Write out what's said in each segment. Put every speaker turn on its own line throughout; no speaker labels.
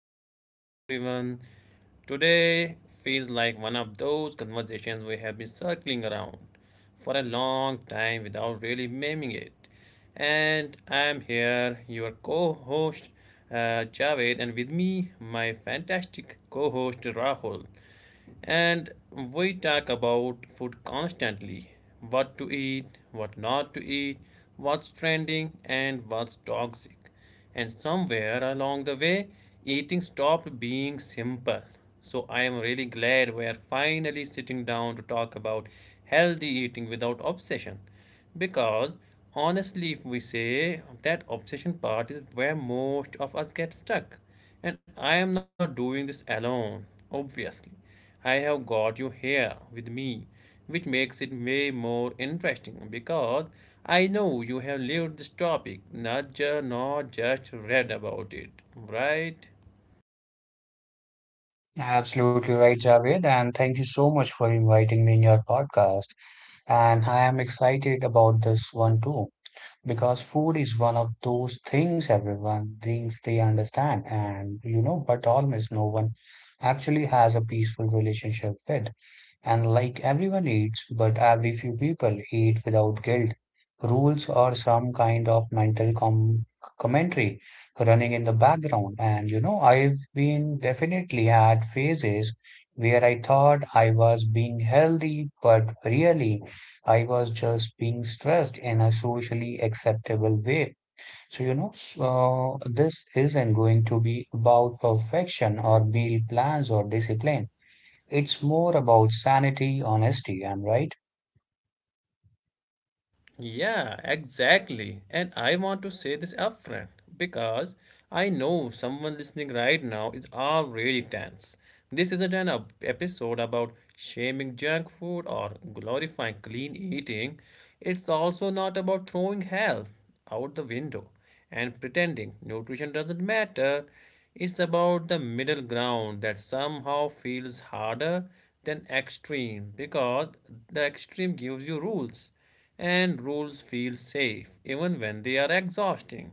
Welcome back, everyone. Today feels like one of those conversations we have been circling around for a long time without really naming it. And I'm here, your co host, Javed, and with me, my fantastic co host, Rahul. And we talk about food constantly, what to eat, what not to eat, what's trending, and what's toxic. And somewhere along the way, eating stopped being simple. So I am really glad we are finally sitting down to talk about healthy eating without obsession. Because honestly, if we say, that obsession part is where most of us get stuck. And I am not doing this alone, obviously. I have got you here with me, which makes it way more interesting because I know you have lived this topic, not just read about it, right?
Absolutely right, Javed, and thank you so much for inviting me in your podcast. And I am excited about this one too, because food is one of those things everyone thinks they understand, and but almost no one actually has a peaceful relationship with and like everyone eats, but every few people eat without guilt. Rules or some kind of mental commentary running in the background. And you know, I've been definitely had phases where I thought I was being healthy, but really I was just being stressed in a socially acceptable way. So, you know, so this isn't going to be about perfection or meal plans or discipline. It's more about sanity, honesty. I'm right.
Yeah, exactly. And I want to say this upfront because I know someone listening right now is already tense. This isn't an episode about shaming junk food or glorifying clean eating. It's also not about throwing health out the window and pretending nutrition doesn't matter. It's about the middle ground that somehow feels harder than extreme, because the extreme gives you rules, and rules feel safe even when they are exhausting.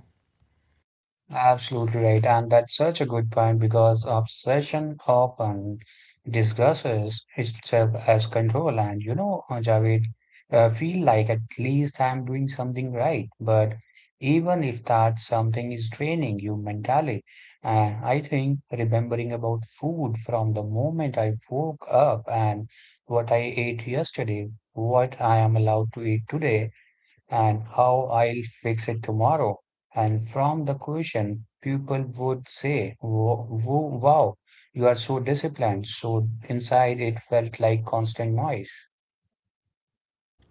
Absolutely right. And that's such a good point because obsession often disguises itself as control. And Javed, feel like at least I'm doing something right. But even if that something is draining you mentally, and I think remembering about food from the moment I woke up and what I ate yesterday, what I am allowed to eat today and how I'll fix it tomorrow. And from the question, people would say, Wow, you are so disciplined. So inside it felt like constant noise.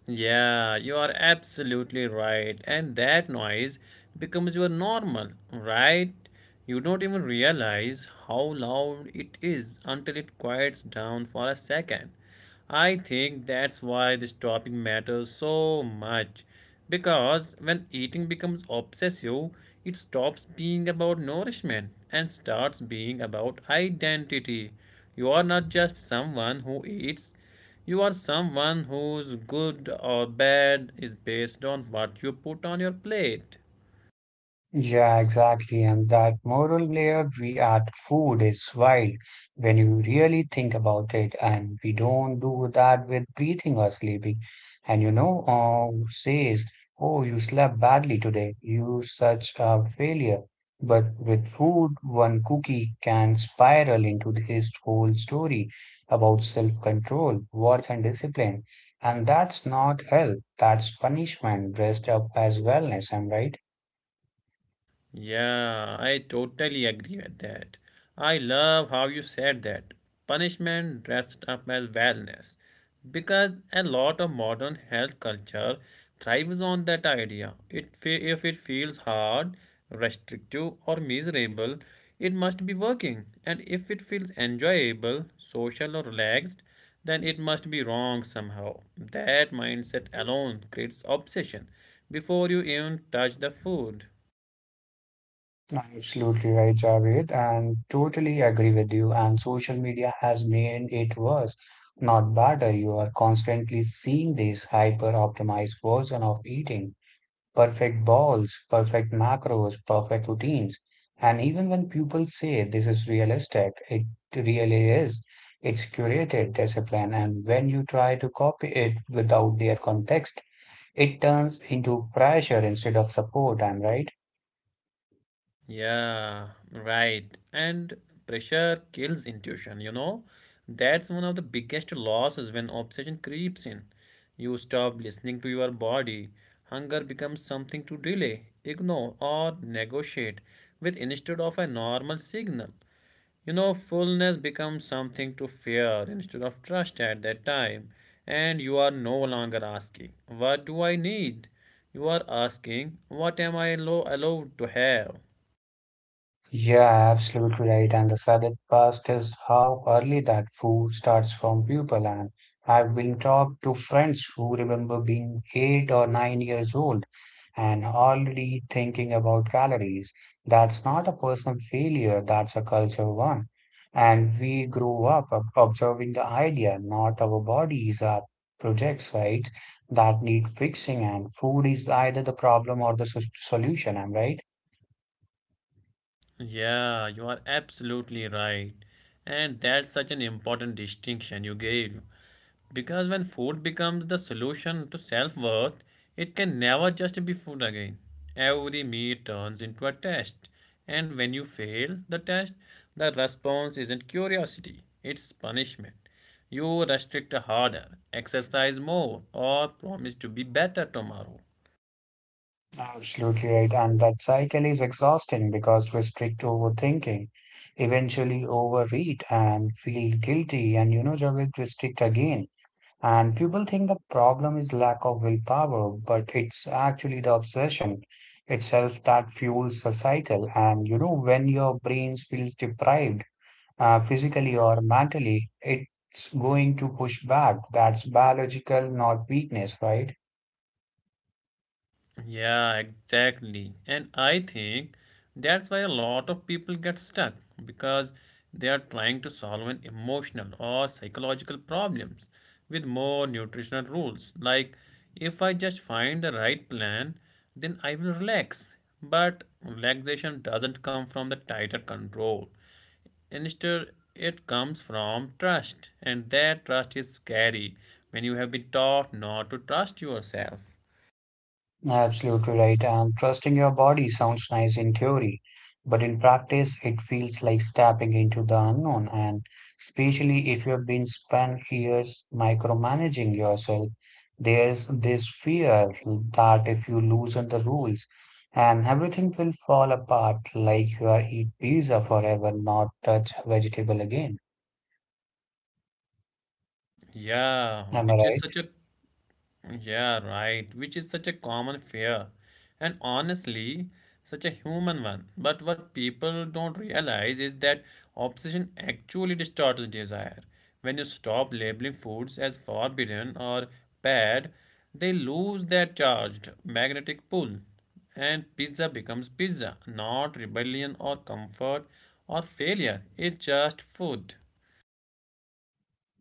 Yeah, you are absolutely right. And that noise becomes your normal, right? You don't even realize how loud it is until it quiets down for a second. I think that's why this topic matters so much. Because when eating becomes obsessive, it stops being about nourishment and starts being about identity. You are not just someone who eats, you are someone whose good or bad is based on what you put on your plate.
Yeah, exactly. And that moral layer we add food is wild when you really think about it. And we don't do that with breathing or sleeping. And who says, oh, you slept badly today. You such a failure. But with food, one cookie can spiral into his whole story about self-control, worth, and discipline. And that's not health, that's punishment dressed up as wellness. I'm right.
Yeah, I totally agree with that. I love how you said that. Punishment dressed up as wellness. Because a lot of modern health culture thrives on that idea. If it feels hard, restrictive, or miserable, it must be working. And if it feels enjoyable, social, or relaxed, then it must be wrong somehow. That mindset alone creates obsession before you even touch the food.
Absolutely right, Javed, and totally agree with you. And social media has made it worse, not better. You are constantly seeing this hyper optimized version of eating, perfect balls, perfect macros, perfect routines. And even when people say this is realistic, it really is. It's curated discipline, and when you try to copy it without their context, it turns into pressure instead of support. I'm right.
Yeah, right. And pressure kills intuition, you know? That's one of the biggest losses when obsession creeps in. You stop listening to your body. Hunger becomes something to delay, ignore, or negotiate with instead of a normal signal. You know, fullness becomes something to fear instead of trust at that time. And you are no longer asking, what do I need? You are asking, what am I allowed to have?
Yeah, absolutely right. And the saddest part is how early that food starts from people. And I've been talked to friends who remember being 8 or 9 years old and already thinking about calories. That's not a personal failure, that's a culture one. And we grow up observing the idea, not our bodies are projects, right? That need fixing, and food is either the problem or the solution. I'm right.
Yeah, you are absolutely right. And that's such an important distinction you gave. Because when food becomes the solution to self worth, it can never just be food again. Every meal turns into a test. And when you fail the test, the response isn't curiosity, it's punishment. You restrict harder, exercise more, or promise to be better tomorrow.
Absolutely right. And that cycle is exhausting because we strict overthinking, eventually overeat and feel guilty and juggle to strict again. And people think the problem is lack of willpower, but it's actually the obsession itself that fuels the cycle. And you know, when your brains feels deprived, physically or mentally, it's going to push back. That's biological, not weakness, right?
Yeah, exactly. And I think that's why a lot of people get stuck because they are trying to solve an emotional or psychological problems with more nutritional rules. Like, if I just find the right plan, then I will relax. But relaxation doesn't come from the tighter control. Instead, it comes from trust, and that trust is scary when you have been taught not to trust yourself.
Absolutely right. And trusting your body sounds nice in theory, but in practice, it feels like stepping into the unknown. And especially if you've been spent years micromanaging yourself, there's this fear that if you loosen the rules and everything will fall apart, like you are eat pizza forever, not touch vegetable again.
Yeah,
Am I
which is
right?
such a yeah, right, which is such a common fear and honestly such a human one. But what people don't realize is that obsession actually distorts desire. When you stop labeling foods as forbidden or bad, they lose their charged magnetic pull and pizza becomes pizza, not rebellion or comfort or failure. It's just food.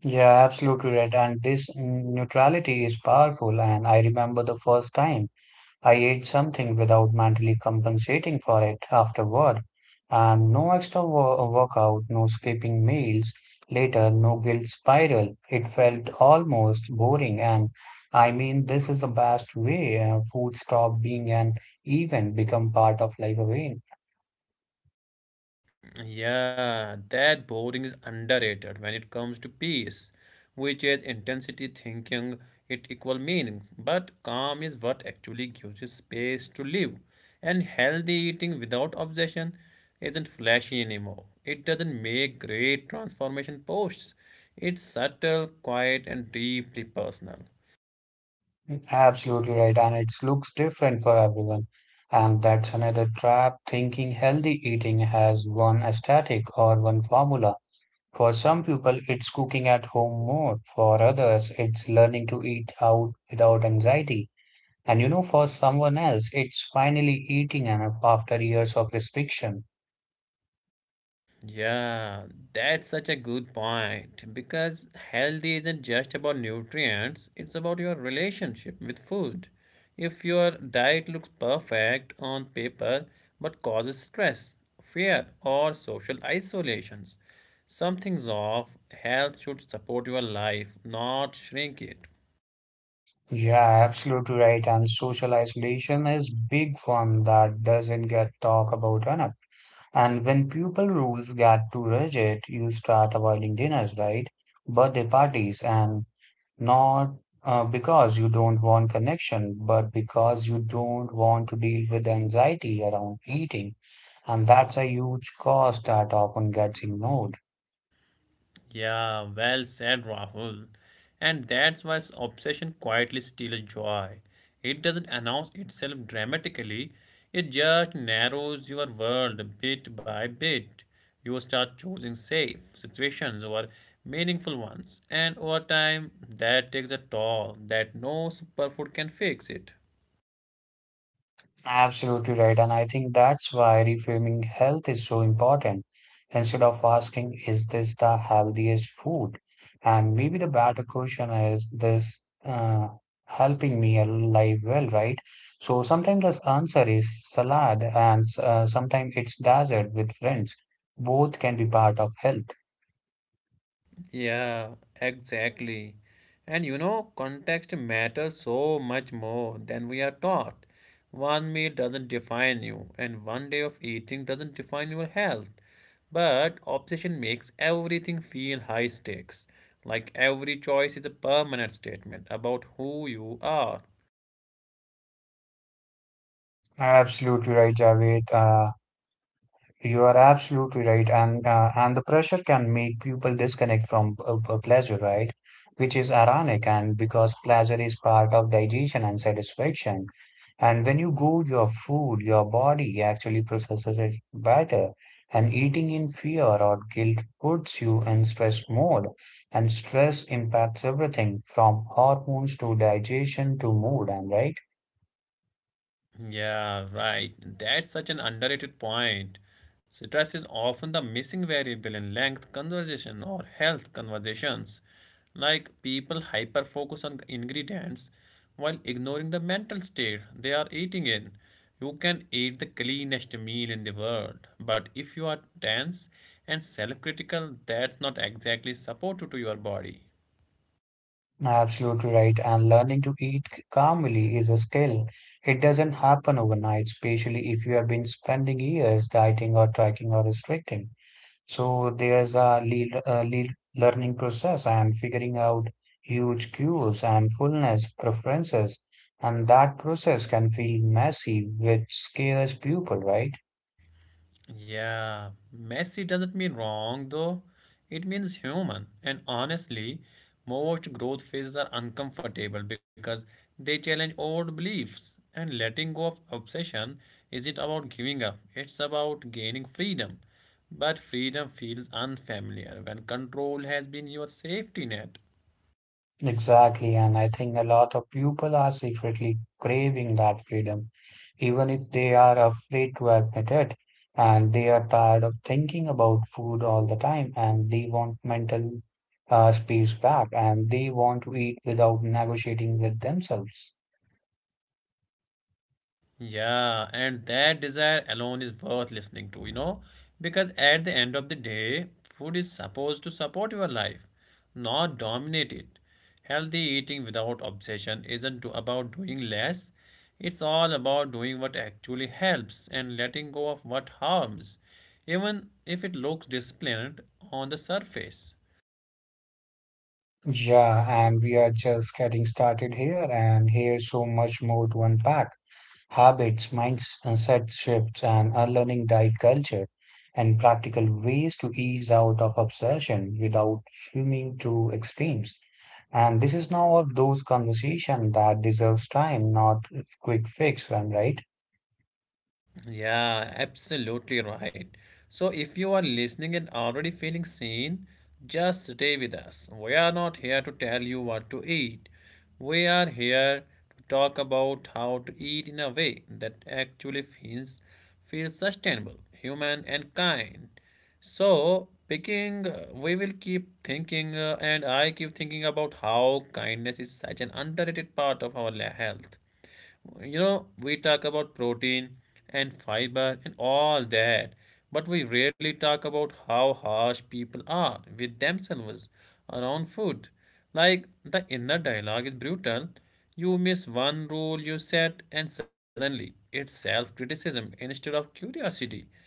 Yeah, absolutely right. And this neutrality is powerful. And I remember the first time. I ate something without mentally compensating for it afterward, and no extra workout, no skipping meals later, no guilt spiral. It felt almost boring, and I mean, this is the best way food stop being an event, become part of life again.
Yeah, that boredom is underrated when it comes to peace, which is intensity thinking it equal meaning. But calm is what actually gives you space to live. And healthy eating without obsession isn't flashy anymore. It doesn't make great transformation posts. It's subtle, quiet, and deeply personal.
Absolutely right, and it looks different for everyone. And that's another trap thinking healthy eating has one aesthetic or one formula. For some people, it's cooking at home more. For others, it's learning to eat out without anxiety. And you know, for someone else, it's finally eating enough after years of restriction.
Yeah, that's such a good point because healthy isn't just about nutrients, it's about your relationship with food. If your diet looks perfect on paper but causes stress, fear, or social isolations, something's off. Health should support your life, not shrink it.
Yeah, absolutely right. And social isolation is big one that doesn't get talked about enough. And when people rules get too rigid, you start avoiding dinners, right? Birthday parties and Not because you don't want connection, but because you don't want to deal with anxiety around eating. And that's a huge cost that often gets ignored.
Yeah, well said, Rahul. And that's why obsession quietly steals joy. It doesn't announce itself dramatically, it just narrows your world bit by bit. You start choosing safe situations over meaningful ones, and over time, that takes a toll that no superfood can fix it.
Absolutely right. And I think that's why reframing health is so important. Instead of asking, is this the healthiest food? And maybe the better question is this helping me alive well, right? So sometimes the answer is salad, and sometimes it's dessert with friends. Both can be part of health.
Yeah, exactly. And you know, context matters so much more than we are taught. One meal doesn't define you, and one day of eating doesn't define your health. But obsession makes everything feel high stakes, like every choice is a permanent statement about who you are.
Absolutely right, Javed. You are absolutely right, and the pressure can make people disconnect from pleasure, right? Which is ironic, and because pleasure is part of digestion and satisfaction, and when you go your food, your body actually processes it better. And eating in fear or guilt puts you in stress mode, and stress impacts everything from hormones to digestion to mood, and right?
Yeah, right. That's such an underrated point. Stress is often the missing variable in length conversation or health conversations. Like, people hyper focus on ingredients while ignoring the mental state they are eating in. You can eat the cleanest meal in the world, but if you are tense and self critical, that's not exactly supportive to your body.
Absolutely right. And learning to eat calmly is a skill. It doesn't happen overnight, especially if you have been spending years dieting or tracking or restricting. So there's a le le learning process and figuring out huge cues and fullness preferences. And that process can feel messy, which scares people, right?
Yeah, messy doesn't mean wrong though. It means human. And honestly, most growth phases are uncomfortable because they challenge old beliefs. And letting go of obsession isn't about giving up, it's about gaining freedom. But freedom feels unfamiliar when control has been your safety net.
Exactly, and I think a lot of people are secretly craving that freedom, even if they are afraid to admit it, and they are tired of thinking about food all the time, and they want mental space back, and they want to eat without negotiating with themselves.
Yeah, and that desire alone is worth listening to, you know, because at the end of the day, food is supposed to support your life, not dominate it. Healthy eating without obsession isn't about doing less, it's all about doing what actually helps and letting go of what harms, even if it looks disciplined on the surface.
Yeah, and we are just getting started here, and here's so much more to unpack. Habits, mindset shifts, and unlearning diet culture, and practical ways to ease out of obsession without swimming to extremes. And this is now of those conversation that deserves time, not quick fix, am I right?
Yeah, absolutely right. So, if you are listening and already feeling seen, just stay with us. We are not here to tell you what to eat. We are here to talk about how to eat in a way that actually feels sustainable, human, and kind. So, picking, we will keep thinking, and I keep thinking about how kindness is such an underrated part of our health. You know, we talk about protein and fiber and all that, but we rarely talk about how harsh people are with themselves around food. Like, the inner dialogue is brutal. You miss one rule you set, and suddenly it's self criticism instead of curiosity.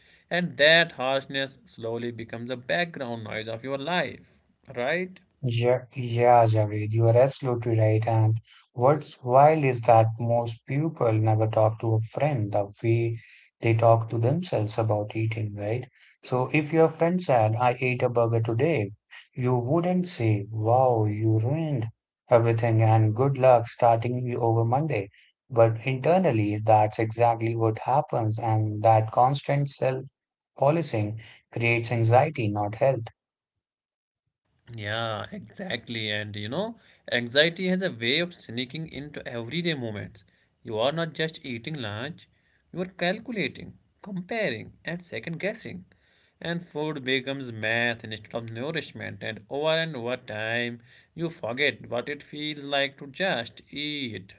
And that harshness slowly becomes the background noise of your life, right?
Yeah, Javed, you are absolutely right. And what's wild is that most people never talk to a friend the way they talk to themselves about eating, right? So if your friend said, I ate a burger today, you wouldn't say, Wow, you ruined everything and good luck starting you over Monday. But internally, that's exactly what happens, and that constant self-policing creates anxiety, not health.
Yeah, exactly. And you know, anxiety has a way of sneaking into everyday moments. You are not just eating lunch, you are calculating, comparing, and second guessing. And food becomes math instead of nourishment. And over time, you forget what it feels like to just eat.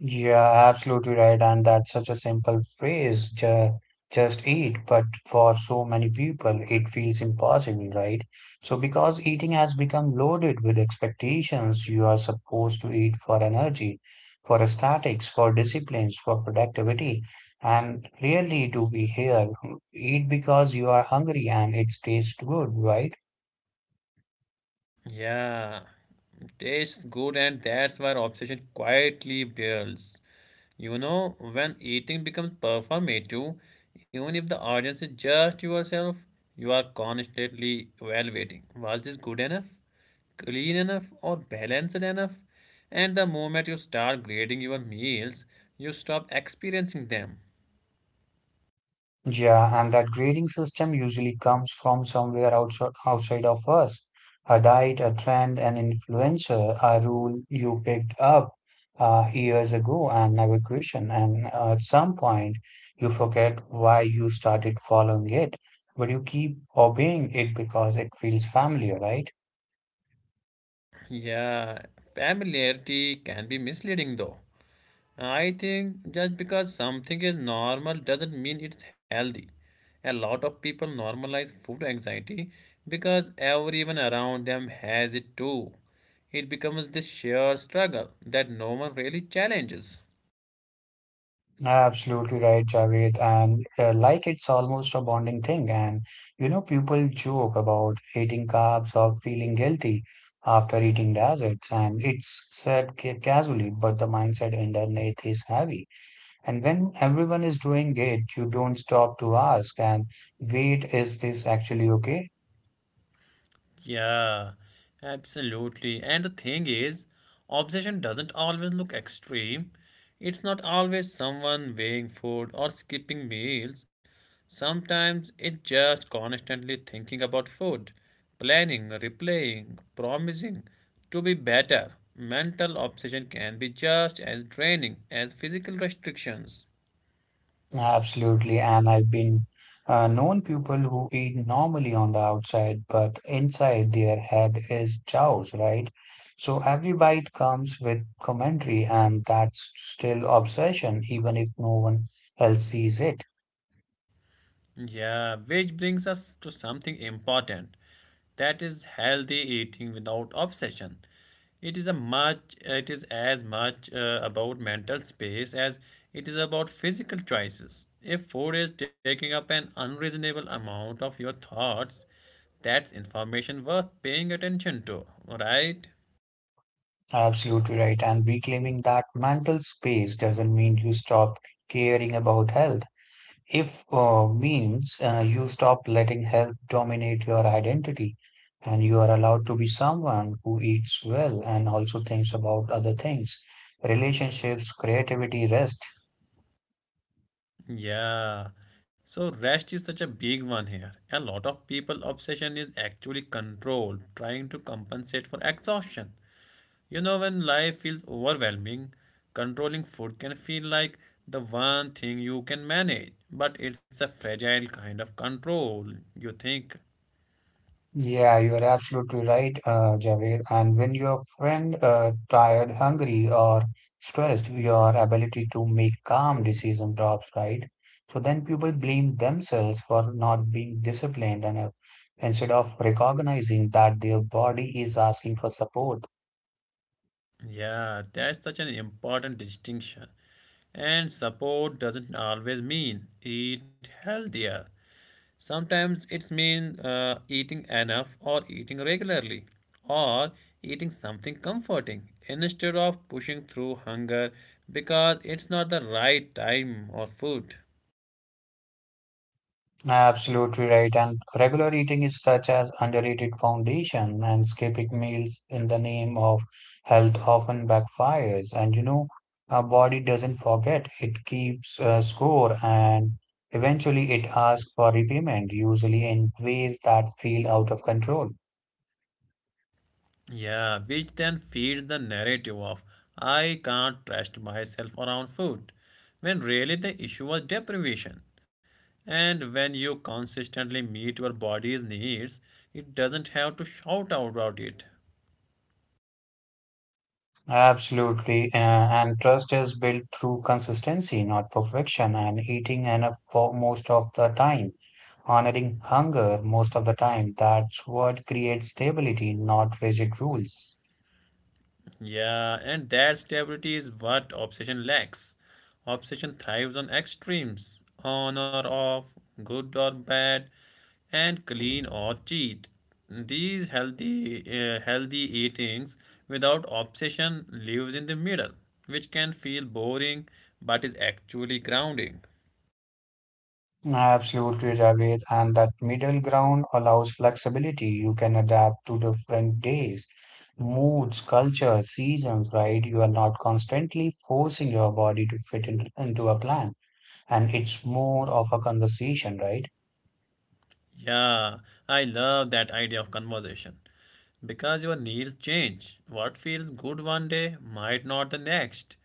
Yeah, absolutely right. And that's such a simple phrase, ju just eat. But for so many people, it feels impossible, right? So, because eating has become loaded with expectations, you are supposed to eat for energy, for aesthetics, for disciplines, for productivity. And rarely do we hear, "Hmm, eat because you are hungry and it tastes good, right?
Yeah, tastes good, and that's where obsession quietly builds. You know, when eating becomes performative, even if the audience is just yourself, you are constantly evaluating, was this good enough, clean enough, or balanced enough? And the moment you start grading your meals, you stop experiencing them.
Yeah, and that grading system usually comes from somewhere outside, outside of us. A diet, a trend, an influencer, a rule you picked up years ago and never questioned. And at some point, you forget why you started following it, but you keep obeying it because it feels familiar, right?
Yeah, familiarity can be misleading though. I think just because something is normal doesn't mean it's healthy. A lot of people normalize food anxiety because everyone around them has it too. It becomes this shared struggle that no one really challenges.
Absolutely right, Javed. And like it's almost a bonding thing. And you know, people joke about hating carbs or feeling guilty after eating desserts. And it's said casually, but the mindset underneath is heavy. And when everyone is doing it, you don't stop to ask and wait, is this actually okay?
Yeah, absolutely. And the thing is, obsession doesn't always look extreme. It's not always someone weighing food or skipping meals. Sometimes it's just constantly thinking about food, planning, replaying, promising to be better. Mental obsession can be just as draining as physical restrictions.
Absolutely, and I've been known people who eat normally on the outside, but inside their head is chaos, right? So every bite comes with commentary, and that's still obsession, even if no one else sees it.
Yeah, which brings us to something important. That is healthy eating without obsession. It is as much about mental space as it is about physical choices. If food is taking up an unreasonable amount of your thoughts, that's information worth paying attention to, right?
Absolutely right. And reclaiming that mental space doesn't mean you stop caring about health. If means you stop letting health dominate your identity and you are allowed to be someone who eats well and also thinks about other things, relationships, creativity, rest.
Yeah. So rest is such a big one here. A lot of people obsession is actually control, trying to compensate for exhaustion. You know, when life feels overwhelming, controlling food can feel like the one thing you can manage, but it's a fragile kind of control. You think,
Yeah, you are absolutely right, Javed. And when your friend tired, hungry, or stressed, your ability to make calm decision drops, right? So then people blame themselves for not being disciplined enough instead of recognizing that their body is asking for support.
yeah, that's such an important distinction. And support doesn't always mean eat healthier. Sometimes it's mean eating enough or eating regularly or eating something comforting instead of pushing through hunger because it's not the right time or food.
Absolutely right. And regular eating is such as underrated foundation, and skipping meals in the name of health often backfires. And you know, our body doesn't forget, it keeps score, and eventually it asks for repayment, usually in ways that feel out of control.
Yeah, which then feeds the narrative of I can't trust myself around food, when really the issue was deprivation. And when you consistently meet your body's needs, it doesn't have to shout about it.
Absolutely. And trust is built through consistency, not perfection, and eating enough for most of the time, honoring hunger most of the time. That's what creates stability, not rigid rules.
Yeah, and that stability is what obsession lacks. Obsession thrives on extremes, on or off, good or bad, and clean or cheat. These healthy eatings without obsession lives in the middle, which can feel boring but is actually grounding.
I absolutely, Javid. And that middle ground allows flexibility. You can adapt to different days, moods, cultures, seasons, right? You are not constantly forcing your body to fit in, into a plan. And it's more of a conversation, right?
Yeah, I love that idea of conversation because your needs change. What feels good one day might not the next.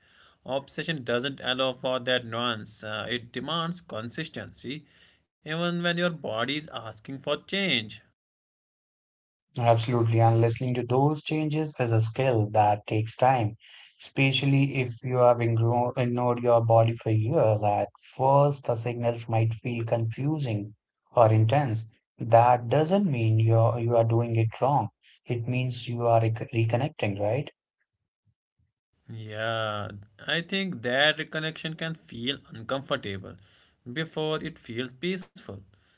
Obsession doesn't allow for that nuance. It demands consistency even when your body is asking for change.
Absolutely, and listening to those changes is a skill that takes time, especially if you have ignored your body for years. At first, the signals might feel confusing or intense. That doesn't mean you are doing it wrong. It means you are reconnecting, right?
Yeah, I think that reconnection can feel uncomfortable before it feels peaceful.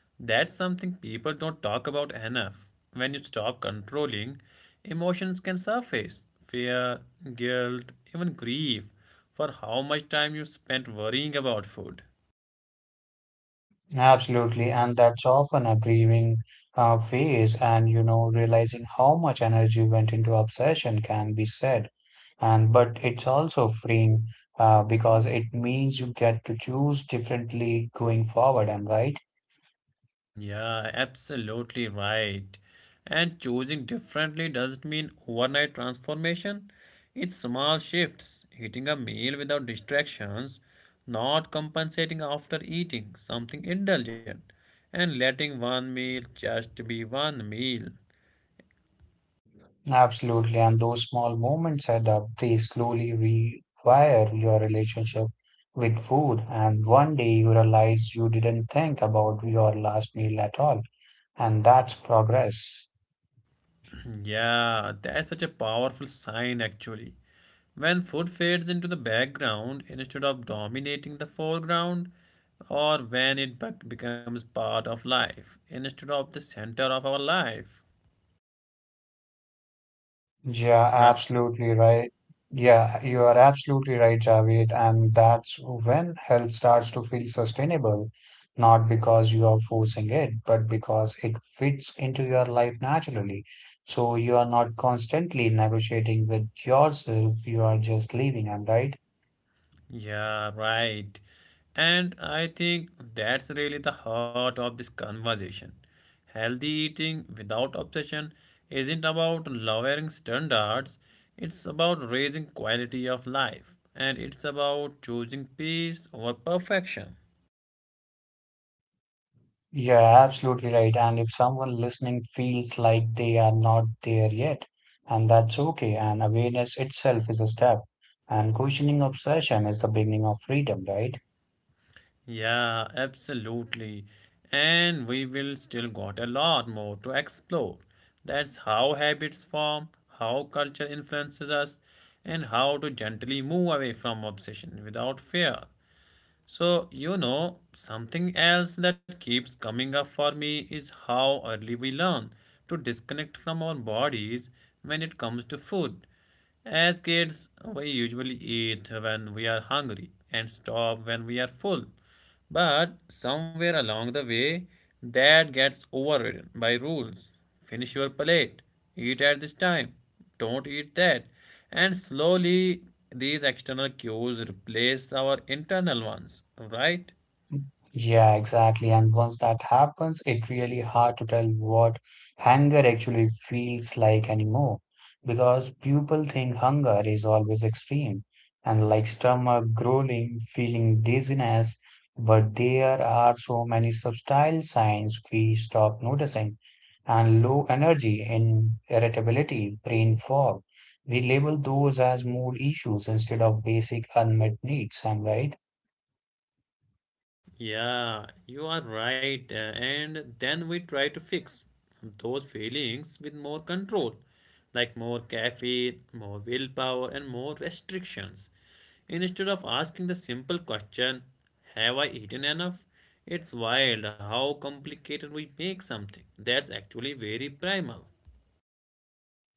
That's something people don't talk about enough. When you stop controlling, emotions can surface fear, guilt, even grief for how much time you spent worrying about food.
Absolutely, and that's often a grieving phase, and realizing how much energy went into obsession can be said. And but it's also freeing because it means you get to choose differently going forward. Am I right?
Yeah, absolutely right. And choosing differently doesn't mean overnight transformation. It's small shifts, eating a meal without distractions, not compensating after eating something indulgent, and letting one meal just be one meal.
Absolutely. And those small moments add up. They slowly rewire your relationship with food. And one day you realize you didn't think about your last meal at all. And that's progress.
Yeah, that's such a powerful sign actually. When food fades into the background instead of dominating the foreground, or when it becomes part of life instead of the center of our life.
Yeah,
Right.
absolutely right. Yeah, you are absolutely right, Javed. And that's when health starts to feel sustainable, not because you are forcing it, but because it fits into your life naturally. So you are not constantly negotiating with yourself, you are just living, am I right?
Yeah, right. And I think that's really the heart of this conversation. Healthy eating without obsession isn't about lowering standards, it's about raising quality of life, and it's about choosing peace over perfection.
You're absolutely right. And if someone listening feels like they are not there yet, and that's okay, and awareness itself is a step, and questioning obsession is the beginning of freedom, right?
Yeah, absolutely. And we will still got a lot more to explore. That's how habits form, how culture influences us, and how to gently move away from obsession without fear. So, you know, something else that keeps coming up for me is how early we learn to disconnect from our bodies when it comes to food. As kids, we usually eat when we are hungry and stop when we are full. But somewhere along the way, that gets overridden by rules. Finish your plate, eat at this time, don't eat that. And slowly, these external cues replace our internal ones, right?
Yeah, exactly. And once that happens, it's really hard to tell what hunger actually feels like anymore because people think hunger is always extreme and like stomach growling, feeling dizziness, but there are so many subtle signs we stop noticing and low energy in irritability, brain fog. We label those as mood issues instead of basic unmet needs, am I right?
Yeah, you are right. And then we try to fix those feelings with more control, like more caffeine, more willpower, and more restrictions. Instead of asking the simple question, have I eaten enough? It's wild how complicated we make something that's actually very primal.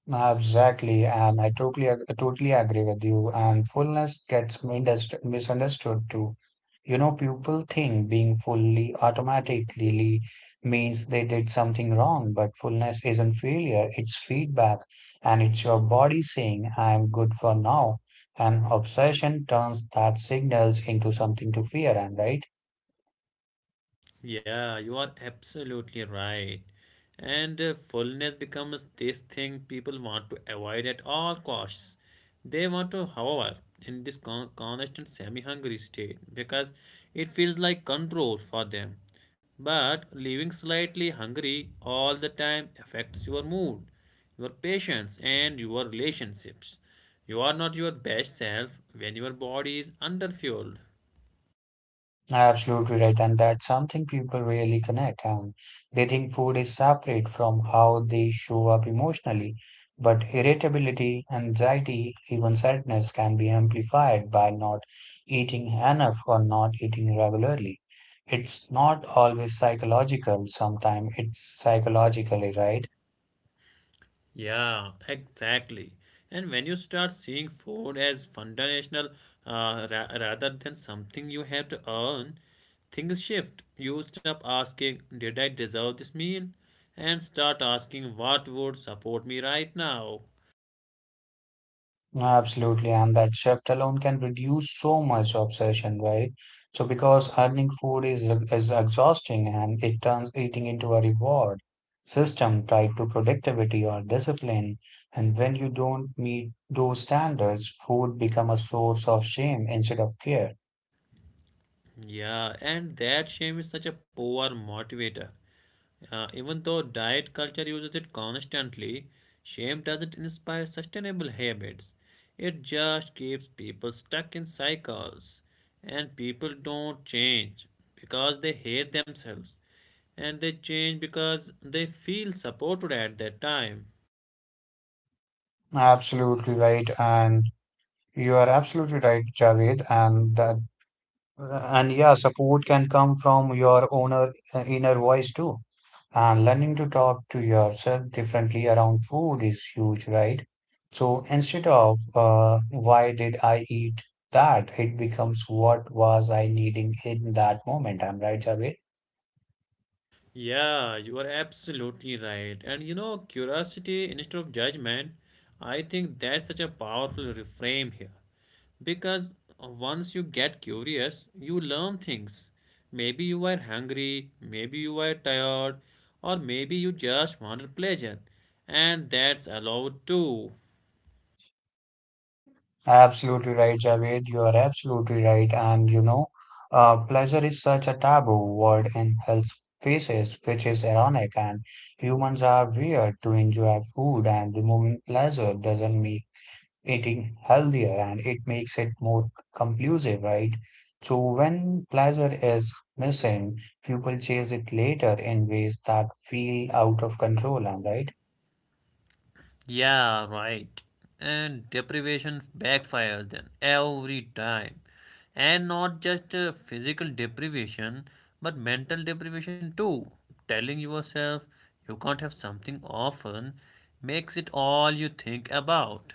Ah, exactly, and I totally agree with you. And fullness gets misunderstood too. People think being fully automatically means they did something wrong, but fullness isn't failure, it's feedback, and it's your body saying, I'm good for now. And obsession turns that signals into something to fear, and right?
Yeah, you are absolutely right. And fullness becomes this thing people want to avoid at all costs. They want to hover in this constant semi-hungry state because it feels like control for them. But living slightly hungry all the time affects your mood, your patience, and your relationships. You are not your best self when your body is underfueled.
Absolutely right, and that's something people really connect and they think food is separate from how they show up emotionally. But irritability, anxiety, even sadness can be amplified by not eating enough or not eating regularly. It's not always psychological, sometimes it's psychologically, right?
Yeah, exactly. And when you start seeing food as foundational ra rather than something you have to earn, things shift. You stop asking, did I deserve this meal? And start asking, what would support me right now?
Absolutely, and that shift alone can reduce so much obsession, right? So because earning food is exhausting and it turns eating into a reward system tied to productivity or discipline. And when you don't meet those standards, food become a source of shame instead of care.
Yeah, and that shame is such a poor motivator. Even though diet culture uses it constantly, shame doesn't inspire sustainable habits. It just keeps people stuck in cycles. And people don't change because they hate themselves. And they change because they feel supported at that time.
Absolutely right, and you are absolutely right, Javed. And yeah, support can come from your owner inner voice too. And learning to talk to yourself differently around food is huge, right? So instead of why did I eat that, it becomes what was I needing in that moment. I'm right, Javed?
Yeah, you are absolutely right. And you know, curiosity instead of judgment, I think that's such a powerful reframe here. Because once you get curious, you learn things. Maybe you were hungry, maybe you were tired, or maybe you just wanted pleasure. And that's allowed too.
Absolutely right, Javed. You are absolutely right. And pleasure is such a taboo word in health spaces, which is ironic. And humans are weird to enjoy food, and removing pleasure doesn't make eating healthier and it makes it more conclusive, right? So, when pleasure is missing, people chase it later in ways that feel out of control, am I right?
Yeah, right. And deprivation backfires then every time. And not just physical deprivation, but mental deprivation too. Telling yourself you can't have something often makes it all you think about.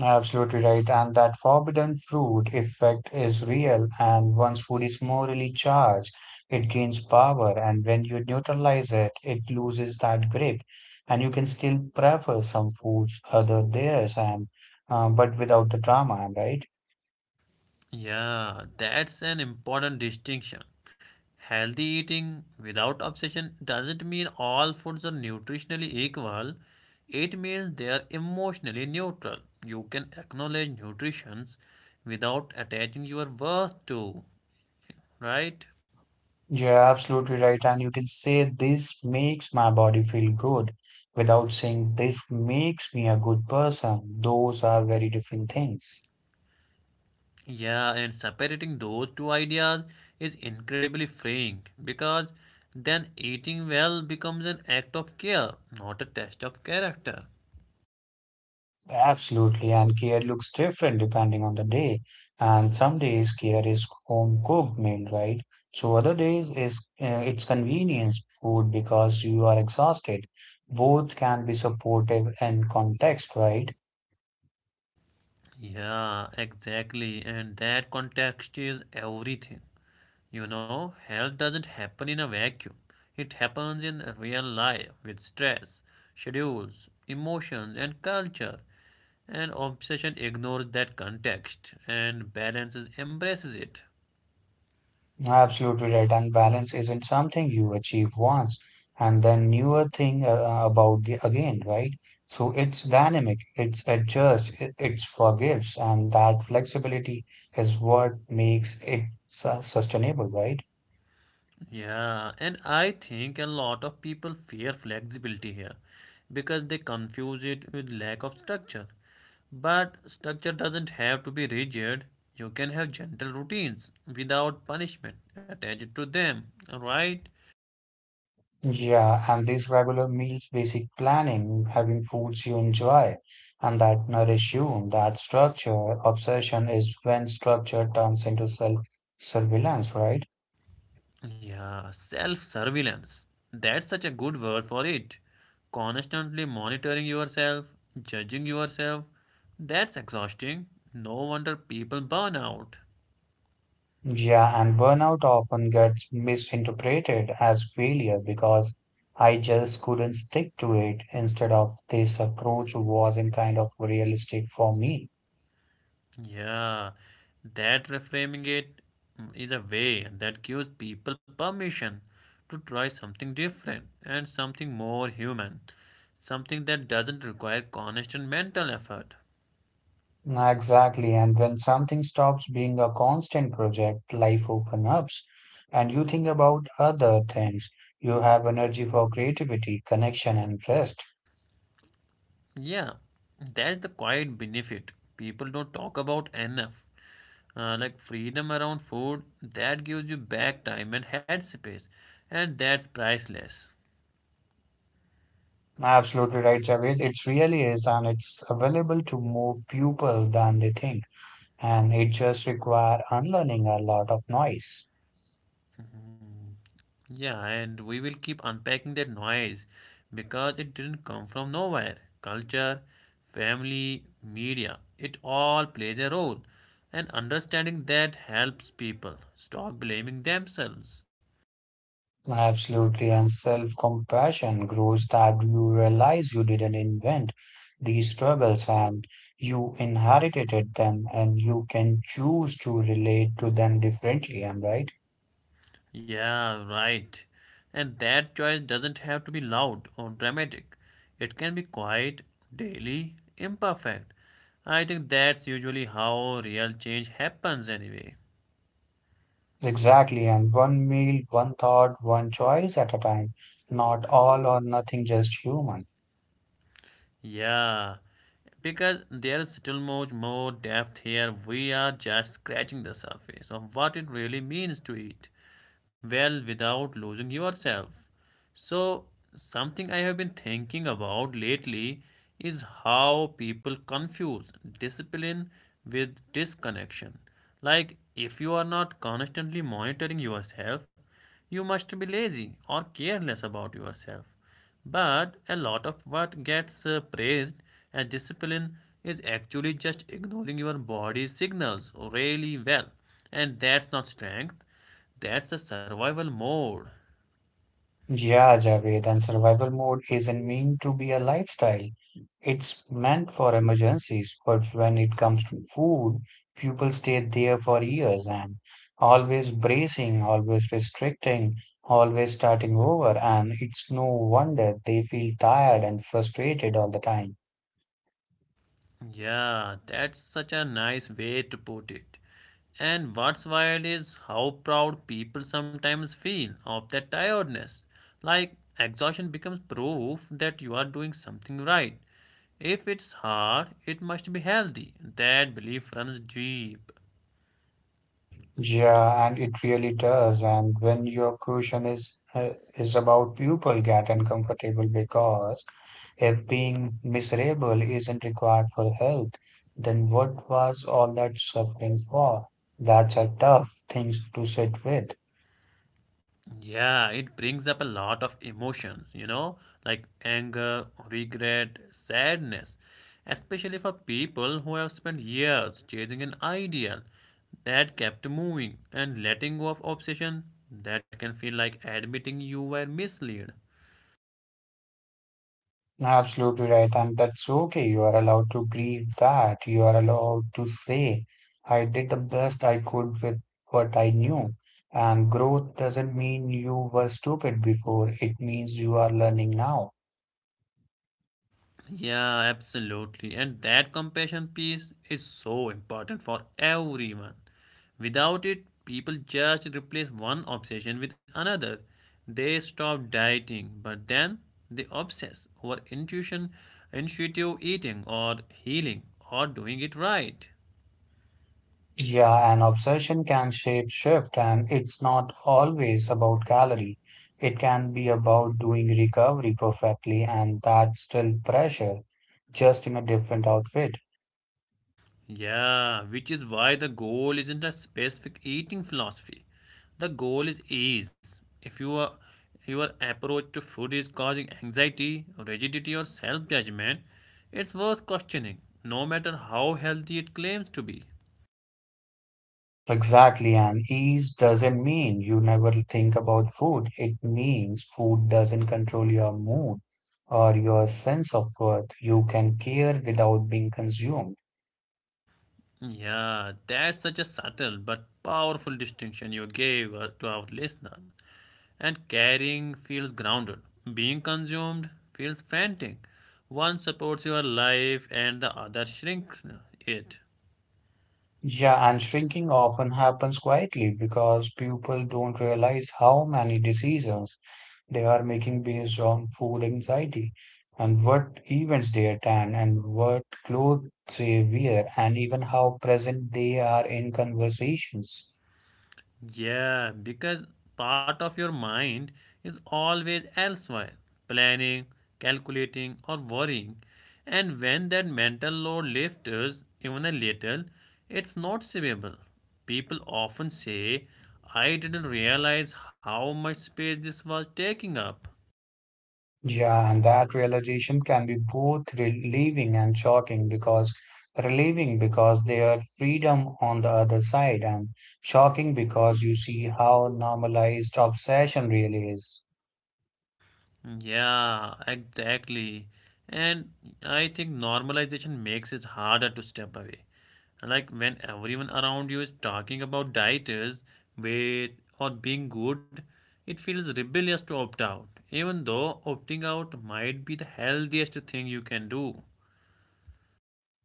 Absolutely right. And that forbidden fruit effect is real. And once food is morally charged, it gains power. And when you neutralize it, it loses that grip. And you can still prefer some foods other theirs, and but without the drama. Am I right?
Yeah, that's an important distinction. Healthy eating without obsession doesn't mean all foods are nutritionally equal. It means they are emotionally neutral. You can acknowledge nutritions without attaching your worth to, right?
You're absolutely right. And you can say this makes my body feel good without saying this makes me a good person. Those are very different things.
Yeah, and separating those two ideas is incredibly freeing because then eating well becomes an act of care, not a test of character.
Absolutely, and kheer looks different depending on the day. And some days kheer is home cooked meal, right? So other days is it's convenience food because you are exhausted. Both can be supportive in context, right?
Yeah, exactly. And that context is everything. You know, health doesn't happen in a vacuum. It happens in real life with stress, schedules, emotions, and culture. And obsession ignores that context, and balances embraces it.
Absolutely right. And balance isn't something you achieve once and then newer thing about the, again, right? So it's dynamic, it's adjusts, it's forgives, and that flexibility is what makes it su sustainable, right?
Yeah, and I think a lot of people fear flexibility here because they confuse it with lack of structure. But structure doesn't have to be rigid. You can have gentle routines without punishment attached to them, right?
Yeah, and these regular meals, basic planning, having foods you enjoy, and that nourish you, that structure, obsession is when structure turns into self-surveillance, right?
Yeah, self surveillance. That's such a good word for it. Constantly monitoring yourself, judging yourself. That's exhausting. No wonder people burn out.
Yeah, and burnout often gets misinterpreted as failure because I just couldn't stick to it instead of this approach wasn't kind of realistic for me.
Yeah, that reframing it is a way that gives people permission to try something different and something more human, something that doesn't require constant mental effort.
Exactly, and when something stops being a constant project, life opens up and you think about other things. You have energy for creativity, connection, and rest.
Yeah, that's the quiet benefit people don't talk about enough. Like freedom around food, that gives you back time and headspace, and that's priceless.
Absolutely right, Javed. It really is, and it's available to more people than they think. And it just required unlearning a lot of noise.
Yeah, and we will keep unpacking that noise because it didn't come from nowhere. Culture, family, media, it all plays a role. And understanding that helps people stop blaming themselves.
Absolutely, and self compassion grows that you realize you didn't invent these struggles and you inherited them, and you can choose to relate to them differently. Am I right?
Yeah, right. And that choice doesn't have to be loud or dramatic, it can be quiet, daily, imperfect. I think that's usually how real change happens, anyway.
Exactly, and one meal, one thought, one choice at a time. Not all or nothing, just human.
Yeah, because there's still much more depth here. We are just scratching the surface of what it really means to eat well without losing yourself. So, something I have been thinking about lately is how people confuse discipline with disconnection. Like, if you are not constantly monitoring yourself, you must be lazy or careless about yourself. But a lot of what gets praised as discipline is actually just ignoring your body's signals really well. And that's not strength, that's a survival mode.
Yeah, Javed, and survival mode isn't meant to be a lifestyle. It's meant for emergencies, but when it comes to food, people stay there for years and always bracing, always restricting, always starting over, and it's no wonder they feel tired and frustrated all the time.
Yeah, that's such a nice way to put it. And what's wild is how proud people sometimes feel of that tiredness. Like exhaustion becomes proof that you are doing something right. If it's hard, it must be healthy. That belief runs deep.
Yeah, and it really does. And when your question is about people get uncomfortable because if being miserable isn't required for health, then what was all that suffering for? That's a tough thing to sit with.
Yeah, it brings up a lot of emotions, you know, like anger, regret, sadness, especially for people who have spent years chasing an ideal that kept moving, and letting go of obsession, that can feel like admitting you were misled.
No, absolutely right, and that's okay. You are allowed to grieve that. You are allowed to say, I did the best I could with what I knew. And growth doesn't mean you were stupid before, it means you are learning now.
Yeah, absolutely. And that compassion piece is so important for everyone. Without it, people just replace one obsession with another. They stop dieting, but then they obsess over intuition, intuitive eating, or healing, or doing it right.
Yeah, an obsession can shape shift, and it's not always about calorie. It can be about doing recovery perfectly, and that's still pressure, just in a different outfit.
Yeah, which is why the goal isn't a specific eating philosophy. The goal is ease. If you are, your approach to food is causing anxiety, rigidity, or self judgment, it's worth questioning, no matter how healthy it claims to be.
Exactly, and ease doesn't mean you never think about food. It means food doesn't control your mood or your sense of worth. You can care without being consumed.
Yeah, that's such a subtle but powerful distinction you gave to our listeners. And carrying feels grounded, being consumed feels frantic. One supports your life and the other shrinks it.
Yeah, and shrinking often happens quietly because people don't realize how many decisions they are making based on food anxiety and what events they attend and what clothes they wear and even how present they are in conversations.
Yeah, because part of your mind is always elsewhere, planning, calculating, or worrying. And when that mental load lifts even a little, it's noticeable. People often say, I didn't realize how much space this was taking up.
Yeah, and that realization can be both relieving and shocking because relieving because there's freedom on the other side, and shocking because you see how normalized obsession really is.
Yeah, exactly. And I think normalization makes it harder to step away. Like when everyone around you is talking about diets, weight, or being good, it feels rebellious to opt out, even though opting out might be the healthiest thing you can do.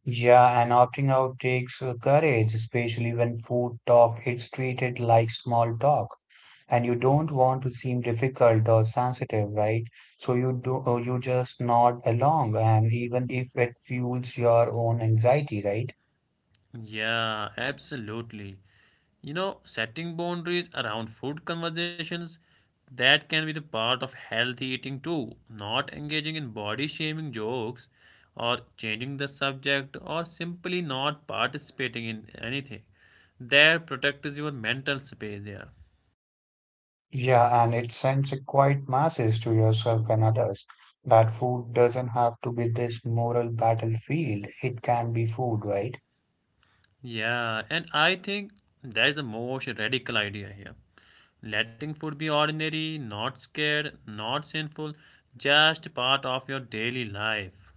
Yeah, and opting out takes courage, especially when food talk is treated like small talk. And you don't want to seem difficult or sensitive, right? So you do, you just nod along, and even if it fuels your own anxiety, right?
Yeah, absolutely. You know, setting boundaries around food conversations, that can be the part of healthy eating too. Not engaging in body shaming jokes, or changing the subject, or simply not participating in anything. That protects your mental space there.
Yeah, and it sends a quiet message to yourself and others that food doesn't have to be this moral battlefield. It can be food, right?
Yeah, and I think that is the most radical idea here. Letting food be ordinary, not scared, not sinful, just part of your daily life.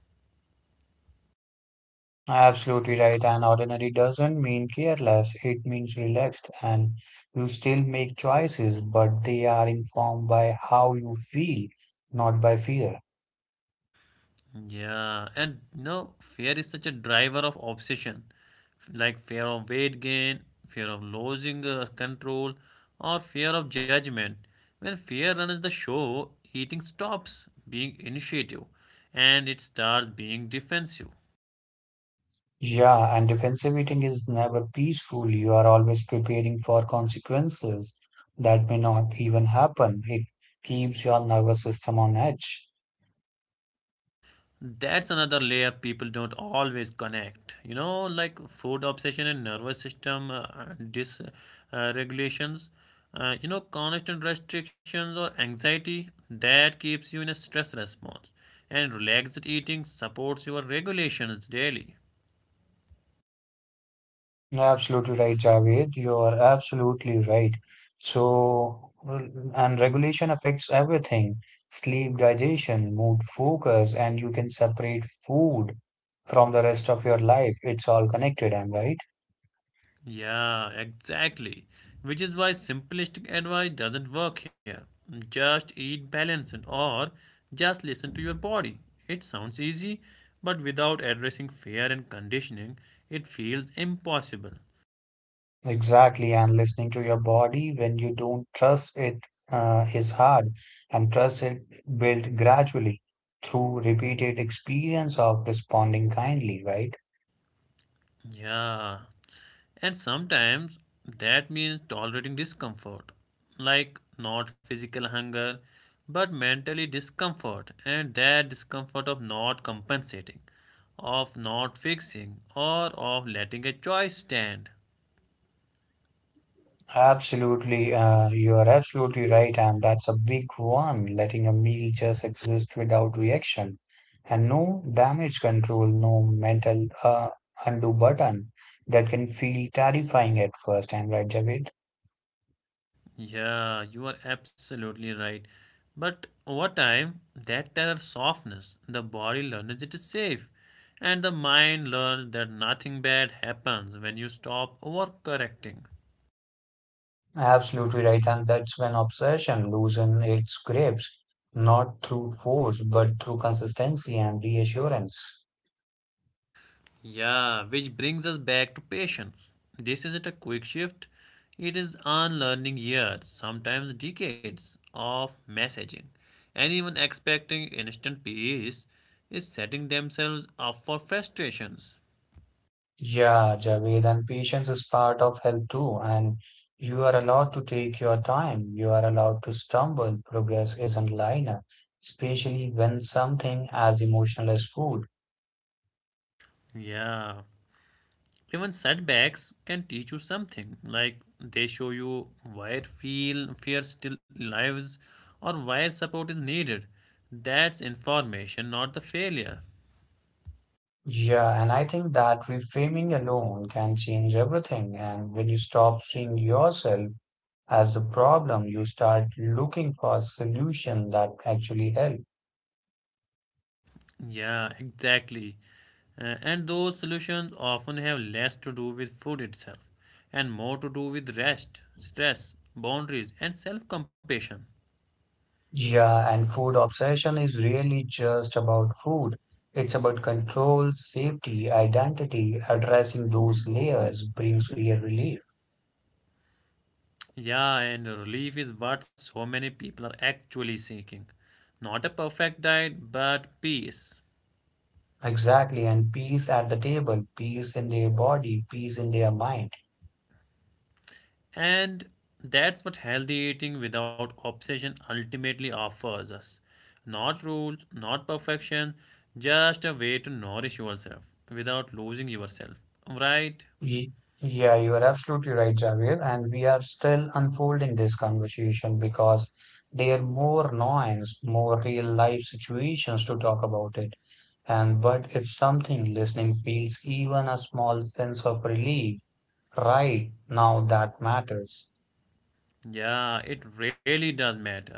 Absolutely right. And ordinary doesn't mean careless, it means relaxed. And you still make choices, but they are informed by how you feel, not by fear.
Yeah, and you know, fear is such a driver of obsession, like fear of weight gain, fear of losing control, or fear of judgment. When fear runs the show, eating stops being initiative and it starts being defensive.
Yeah, and defensive eating is never peaceful. You are always preparing for consequences that may not even happen. It keeps your nervous system on edge.
That's another layer people don't always connect. You know, like food obsession and nervous system dysregulations, uh, you know, constant restrictions or anxiety that keeps you in a stress response. And relaxed eating supports your regulations daily.
Absolutely right, Javed. You're absolutely right. So, well, and regulation affects everything: sleep, digestion, mood, focus, and you can separate food from the rest of your life. It's all connected, I'm right.
Yeah, exactly. Which is why simplistic advice doesn't work here. Just eat balanced, or just listen to your body. It sounds easy, but without addressing fear and conditioning, it feels impossible.
Exactly, and listening to your body when you don't trust it is hard, and trust it built gradually through repeated experience of responding kindly, right?
Yeah. And sometimes that means tolerating discomfort, like not physical hunger, but mentally discomfort, and that discomfort of not compensating, of not fixing, or of letting a choice stand.
Absolutely, you are absolutely right, and that's a big one, letting a meal just exist without reaction, and no damage control, no mental undo button that can feel terrifying at first. And right, Javed?
Yeah, you are absolutely right. But over time, that terror softness, the body learns it is safe, and the mind learns that nothing bad happens when you stop overcorrecting.
Absolutely right. And that's when obsession loosens its grips, not through force, but through consistency and reassurance.
Yeah, which brings us back to patience. This isn't a quick shift, it is unlearning years, sometimes decades, of messaging. Anyone expecting instant peace is setting themselves up for frustrations.
Yeah, Javed, and patience is part of health too. And you are allowed to take your time. You are allowed to stumble. Progress isn't linear, especially when something as emotional as food.
Yeah, even setbacks can teach you something, like they show you why feel fear still lives or why support is needed. That's information, not the failure.
Yeah, and I think that reframing alone can change everything. And when you stop seeing yourself as the problem, you start looking for a solution that actually help.
Yeah, exactly. And those solutions often have less to do with food itself and more to do with rest, stress, boundaries, and self compassion.
Yeah, and food obsession is really just about food. It's about control, safety, identity. Addressing those layers brings real relief.
Yeah, and relief is what so many people are actually seeking. Not a perfect diet, but peace,
Exactly, and peace at the table, peace in their body, peace in their mind.
and that's what healthy eating without obsession ultimately offers us. Not rules, not perfection, just a way to nourish yourself without losing yourself. Right?
Ye- Yeah, you are absolutely right, Javier. And we are still unfolding this conversation because there are more nuance, more real life situations to talk about it. And but if something listening feels even a small sense of relief, right now that matters.
Yeah, it really does matter.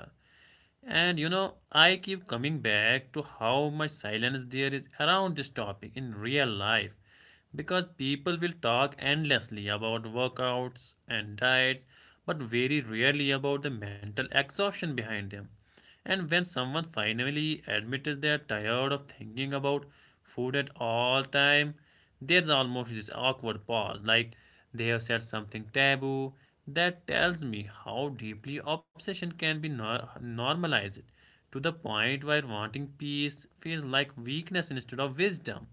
And you know, I keep coming back to how much silence there is around this topic in real life because people will talk endlessly about workouts and diets, but very rarely about the mental exhaustion behind them. And when someone finally admits they are tired of thinking about food at all time, there's almost this awkward pause, like they have said something taboo. That tells me how deeply obsession can be normalized, to the point where wanting peace feels like weakness instead of wisdom.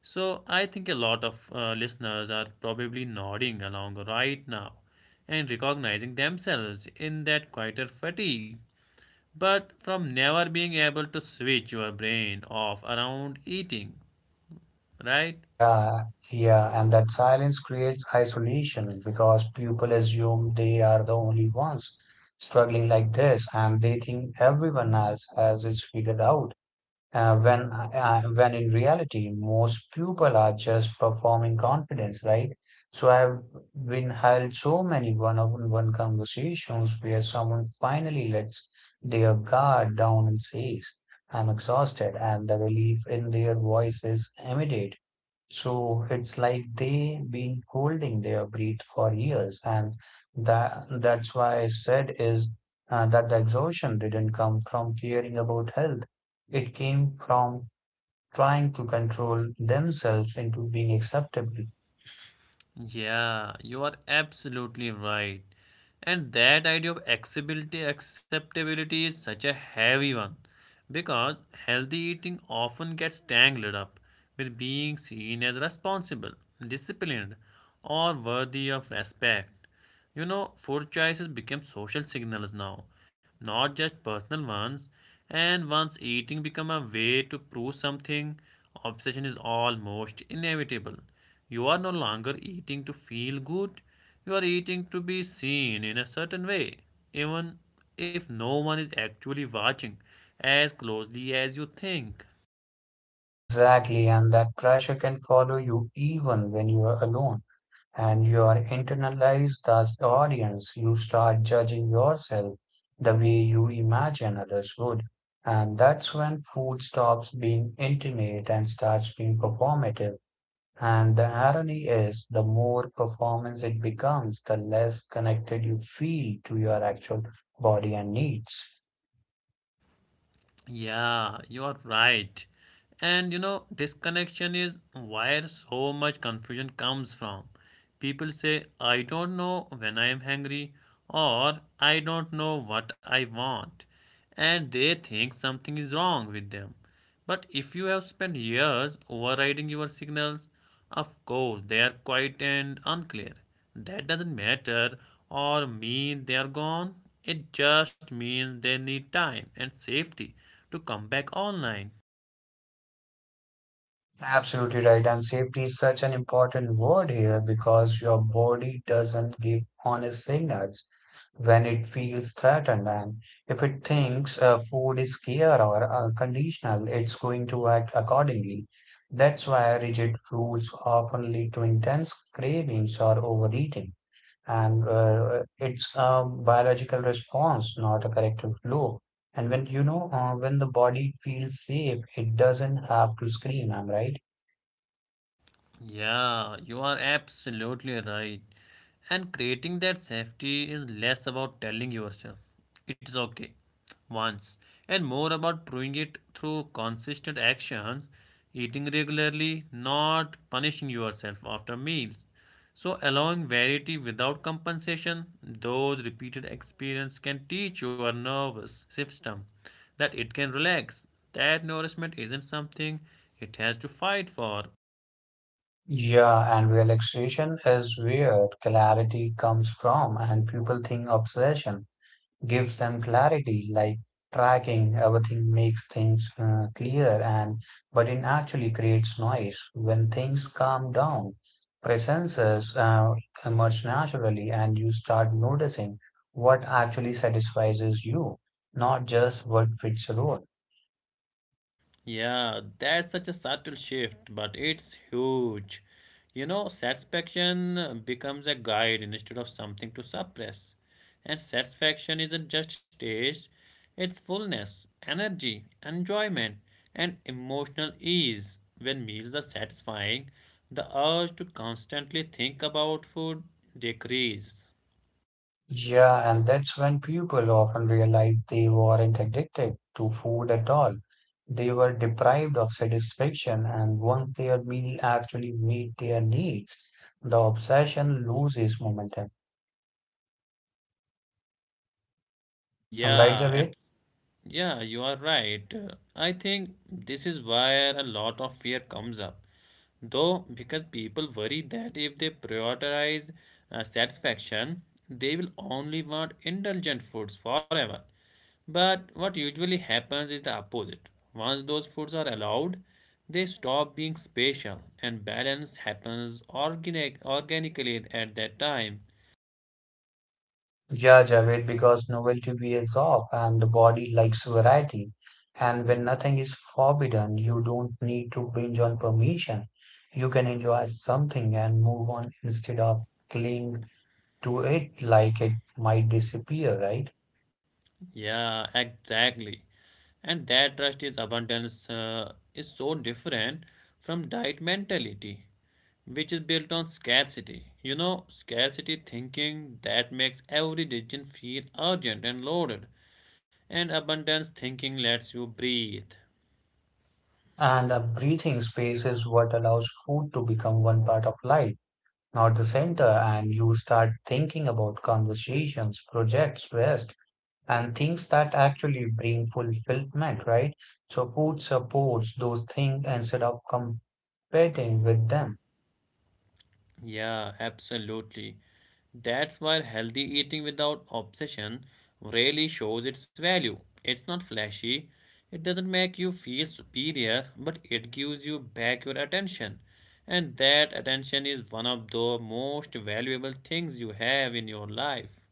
So I think a lot of listeners are probably nodding along right now and recognizing themselves in that quieter fatigue but from never being able to switch your brain off around eating, right?
Yeah, yeah, and that silence creates isolation because people assume they are the only ones struggling like this and they think everyone else has it figured out. When in reality most people are just performing confidence, right? So I've been held so many one-on-one conversations where someone finally lets their guard down and says I'm exhausted, and the relief in their voice is immediate. So it's like they've been holding their breath for years, and that's why I said is that the exhaustion didn't come from caring about health. It came from trying to control themselves into being acceptable.
Yeah, you are absolutely right. And that idea of acceptability is such a heavy one because healthy eating often gets tangled up with being seen as responsible, disciplined, or worthy of respect. You know, food choices become social signals now, not just personal ones. And once eating become a way to prove something, obsession is almost inevitable. You are no longer eating to feel good, you are eating to be seen in a certain way, even if no one is actually watching as closely as you think.
Exactly, and that pressure can follow you even when you are alone and you are internalized as the audience. You start judging yourself the way you imagine others would. And that's when food stops being intimate and starts being performative. And the irony is, the more performance it becomes, the less connected you feel to your actual body and needs.
Yeah, you are right. And you know, disconnection is where so much confusion comes from. People say, I don't know when I am hungry, or I don't know what I want, and they think something is wrong with them. But if you have spent years overriding your signals, of course they are quiet and unclear. That doesn't matter or mean they are gone. It just means they need time and safety to come back online.
Absolutely right. And safety is such an important word here because your body doesn't give honest signals when it feels threatened. And if it thinks food is scarce or it's going to act accordingly. That's why rigid rules often lead to intense cravings or overeating. And it's a biological response, not a corrective flaw. And when the body feels safe, it doesn't have to scream, I am right?
Yeah, you are absolutely right. And creating that safety is less about telling yourself it's okay once and more about proving it through consistent actions, eating regularly, not punishing yourself after meals. So, allowing variety without compensation, those repeated experience can teach your nervous system that it can relax. That nourishment isn't something it has to fight for.
Yeah, and relaxation is where clarity comes from, and people think obsession gives them clarity, like tracking everything makes things clear and but it actually creates noise. When things calm down presences emerge naturally and you start noticing what actually satisfies you, not just what fits the role.
Yeah, that's such a subtle shift, but it's huge. You know, satisfaction becomes a guide instead of something to suppress. And satisfaction isn't just taste, it's fullness, energy, enjoyment, and emotional ease. When meals are satisfying, the urge to constantly think about food decreases.
Yeah, and that's when people often realize they weren't addicted to food at all. They were deprived of satisfaction, and once their meal actually meet their needs, the obsession loses momentum. I'm right,
Yeah,
Javed?
Yeah, you are right. I think this is where a lot of fear comes up. Though, because people worry that if they prioritize satisfaction, they will only want indulgent foods forever. But what usually happens is the opposite. Once those foods are allowed, they stop being special and balance happens organically at that time.
Yeah, Javed, because novelty wears off and the body likes variety. And when nothing is forbidden, you don't need to binge on permission. You can enjoy something and move on instead of cling to it like it might disappear, right?
Yeah, exactly. And that trust is abundance is so different from diet mentality, which is built on scarcity. You know, scarcity thinking that makes every decision feel urgent and loaded, and abundance thinking lets you breathe.
And a breathing space is what allows food to become one part of life, not the center. And you start thinking about conversations, projects, rest, and things that actually bring fulfillment, right? So food supports those things instead of competing with them.
Yeah, absolutely. That's why healthy eating without obsession really shows its value. It's not flashy, it doesn't make you feel superior, but it gives you back your attention. And that attention is one of the most valuable things you have in your life.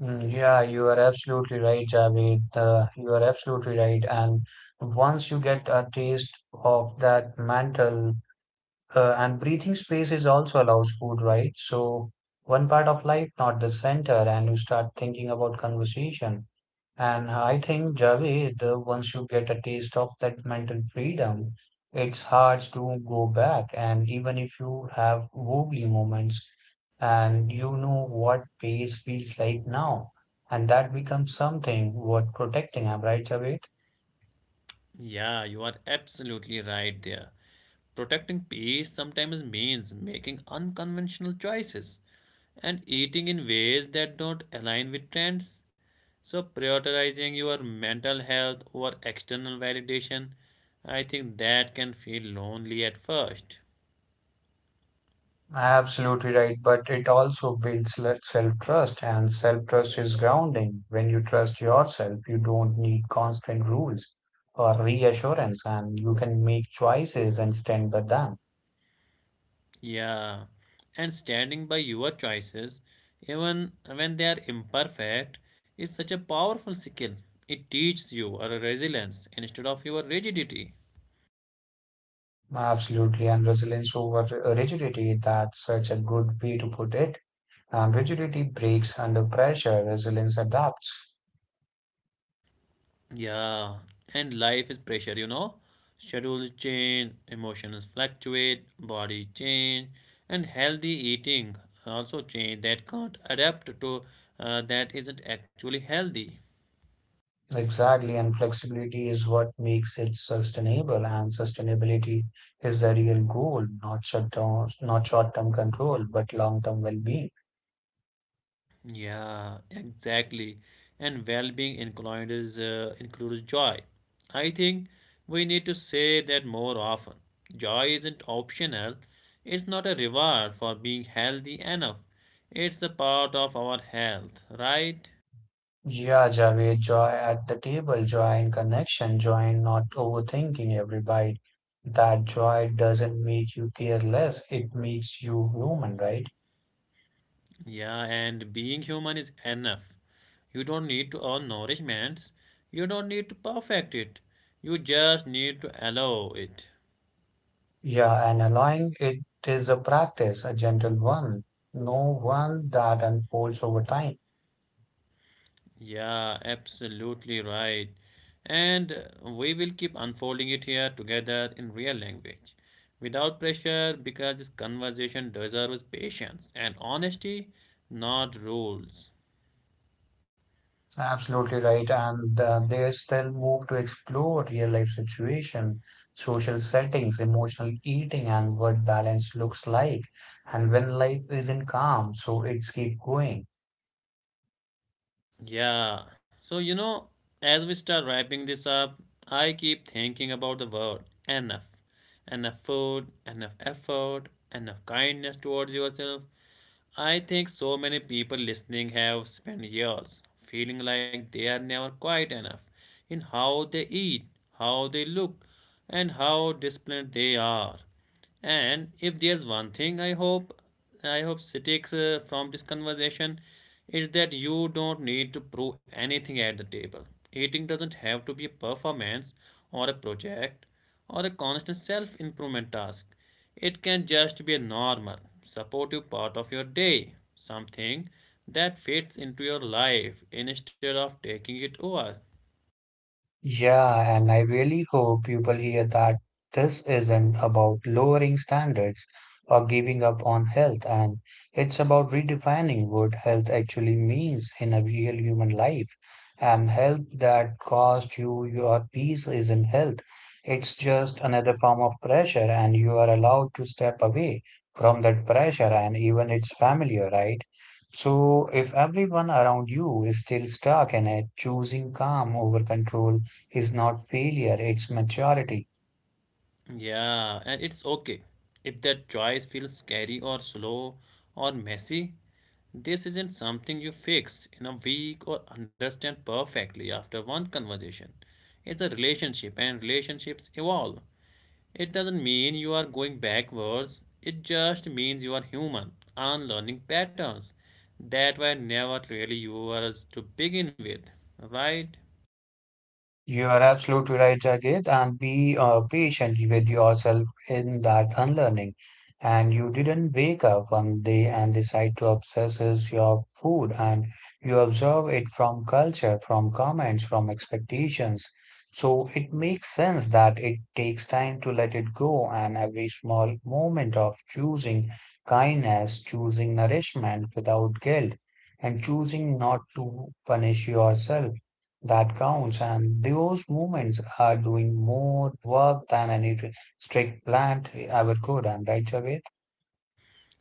Mm, yeah, you are absolutely right, Javed. You are absolutely right. And once you get a taste of that mantle, and breathing space is also allows food, right? So one part of life, not the center, and you start thinking about conversation. And I think, Javed, once you get a taste of that mental freedom, it's hard to go back. And even if you have wobbly moments, and you know what pace feels like now, and that becomes something worth protecting. Am I right, Javed?
Yeah, you are absolutely right there. Protecting peace sometimes means making unconventional choices and eating in ways that don't align with trends. So, prioritizing your mental health over external validation, I think that can feel lonely at first.
Absolutely right, but it also builds self trust, and self trust is grounding. When you trust yourself, you don't need constant rules or reassurance, and you can make choices and stand by them.
Yeah, and standing by your choices, even when they are imperfect, is such a powerful skill. It teaches you a resilience instead of your rigidity.
Absolutely, and resilience over rigidity, that's such a good way to put it. Rigidity breaks under pressure, resilience adapts.
Yeah, and life is pressure, you know. Schedules change, emotions fluctuate, body change, and healthy eating also change that can't adapt to that isn't actually healthy.
Exactly, and flexibility is what makes it sustainable, and sustainability is the real goal. Not short term, not short term control, but long term well being.
Yeah, exactly. And well-being includes joy. I think we need to say that more often. Joy isn't optional. It's not a reward for being healthy enough. It's a part of our health, right?
Yeah, Javed, joy at the table, joy in connection, joy in not overthinking every bite. That joy doesn't make you careless, it makes you human, right?
Yeah, and being human is enough. You don't need to earn nourishments. You don't need to perfect it. You just need to allow it.
Yeah, and allowing it is a practice, a gentle one, no one that unfolds over time.
Yeah, absolutely right. And we will keep unfolding it here together in real language. Without pressure, because this conversation deserves patience and honesty, not rules.
Absolutely right. And there's still move to explore real life situation, social settings, emotional eating, and what balance looks like. And when life isn't calm, so it's keep going.
Yeah. So, you know, as we start wrapping this up, I keep thinking about the word enough. Enough food, enough effort, enough kindness towards yourself, I think so many people listening have spent years feeling like they are never quiet enough in how they eat, how they look, and how disciplined they are. And if there's one thing I hope sticks from this conversation, is that you don't need to prove anything at the table. Eating doesn't have to be a performance or a project or a constant self improvement task. It can just be a normal, supportive part of your day, something that fits into your life instead of taking it over.
Yeah, and I really hope people hear that this isn't about lowering standards or giving up on health, and it's about redefining what health actually means in a real human life. And health that costs you your peace isn't health. It's just another form of pressure, and you are allowed to step away from that pressure, and even it's familiar, right? So, if everyone around you is still stuck in it, choosing calm over control is not failure, it's maturity.
Yeah, and it's okay if that choice feels scary or slow or messy. This isn't something you fix in a week or understand perfectly after one conversation. It's a relationship, and relationships evolve. It doesn't mean you are going backwards, it just means you are human and learning patterns that were never really yours to begin with, right?
You are absolutely right, Jagat, and be patient with yourself in that unlearning. And you didn't wake up one day and decide to obsess is your food, and you observe it from culture, from comments, from expectations. So it makes sense that it takes time to let it go, and every small moment of choosing kindness, choosing nourishment without guilt, and choosing not to punish yourself that counts, and those movements are doing more work than strict plan ever could. And right, Javed?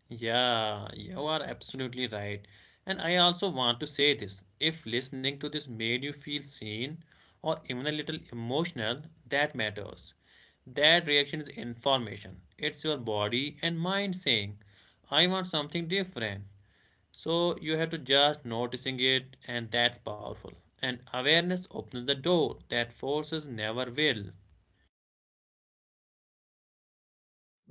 Yeah, you are absolutely right. And I also want to say this if listening to this made you feel seen or even a little emotional, that matters. That reaction is information. It's your body and mind saying, I want something different. So you have to just noticing it and that's powerful. And awareness opens the door that forces never will,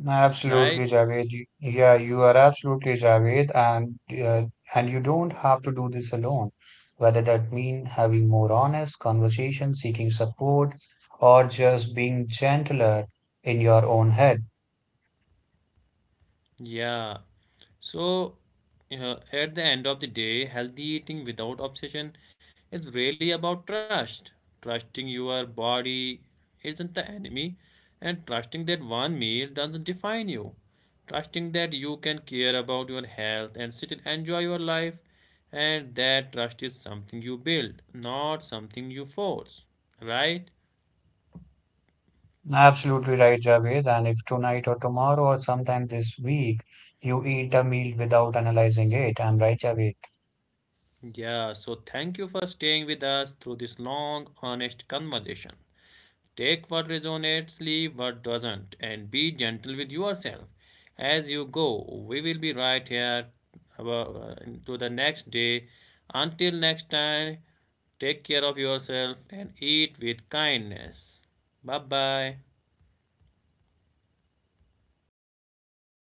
Absolutely,
right?
Javed. Yeah, you are absolutely Javed, uh, and you don't have to do this alone. Whether that mean having more honest conversations, seeking support, or just being gentler in your own head.
Yeah. So, at the end of the day, healthy eating without obsession is really about trust. Trusting your body isn't the enemy, and trusting that one meal doesn't define you. Trusting that you can care about your health and still enjoy your life, and that trust is something you build, not something you force. Right?
Absolutely right, Javed. And if tonight or tomorrow or sometime this week you eat a meal without analyzing it, I'm right, Javed.
Yeah, so thank you for staying with us through this long, honest conversation. Take what resonates, leave what doesn't, and be gentle with yourself as you go. We will be right here uh, to the next day. Until next time, take care of yourself and eat with kindness. Bye bye.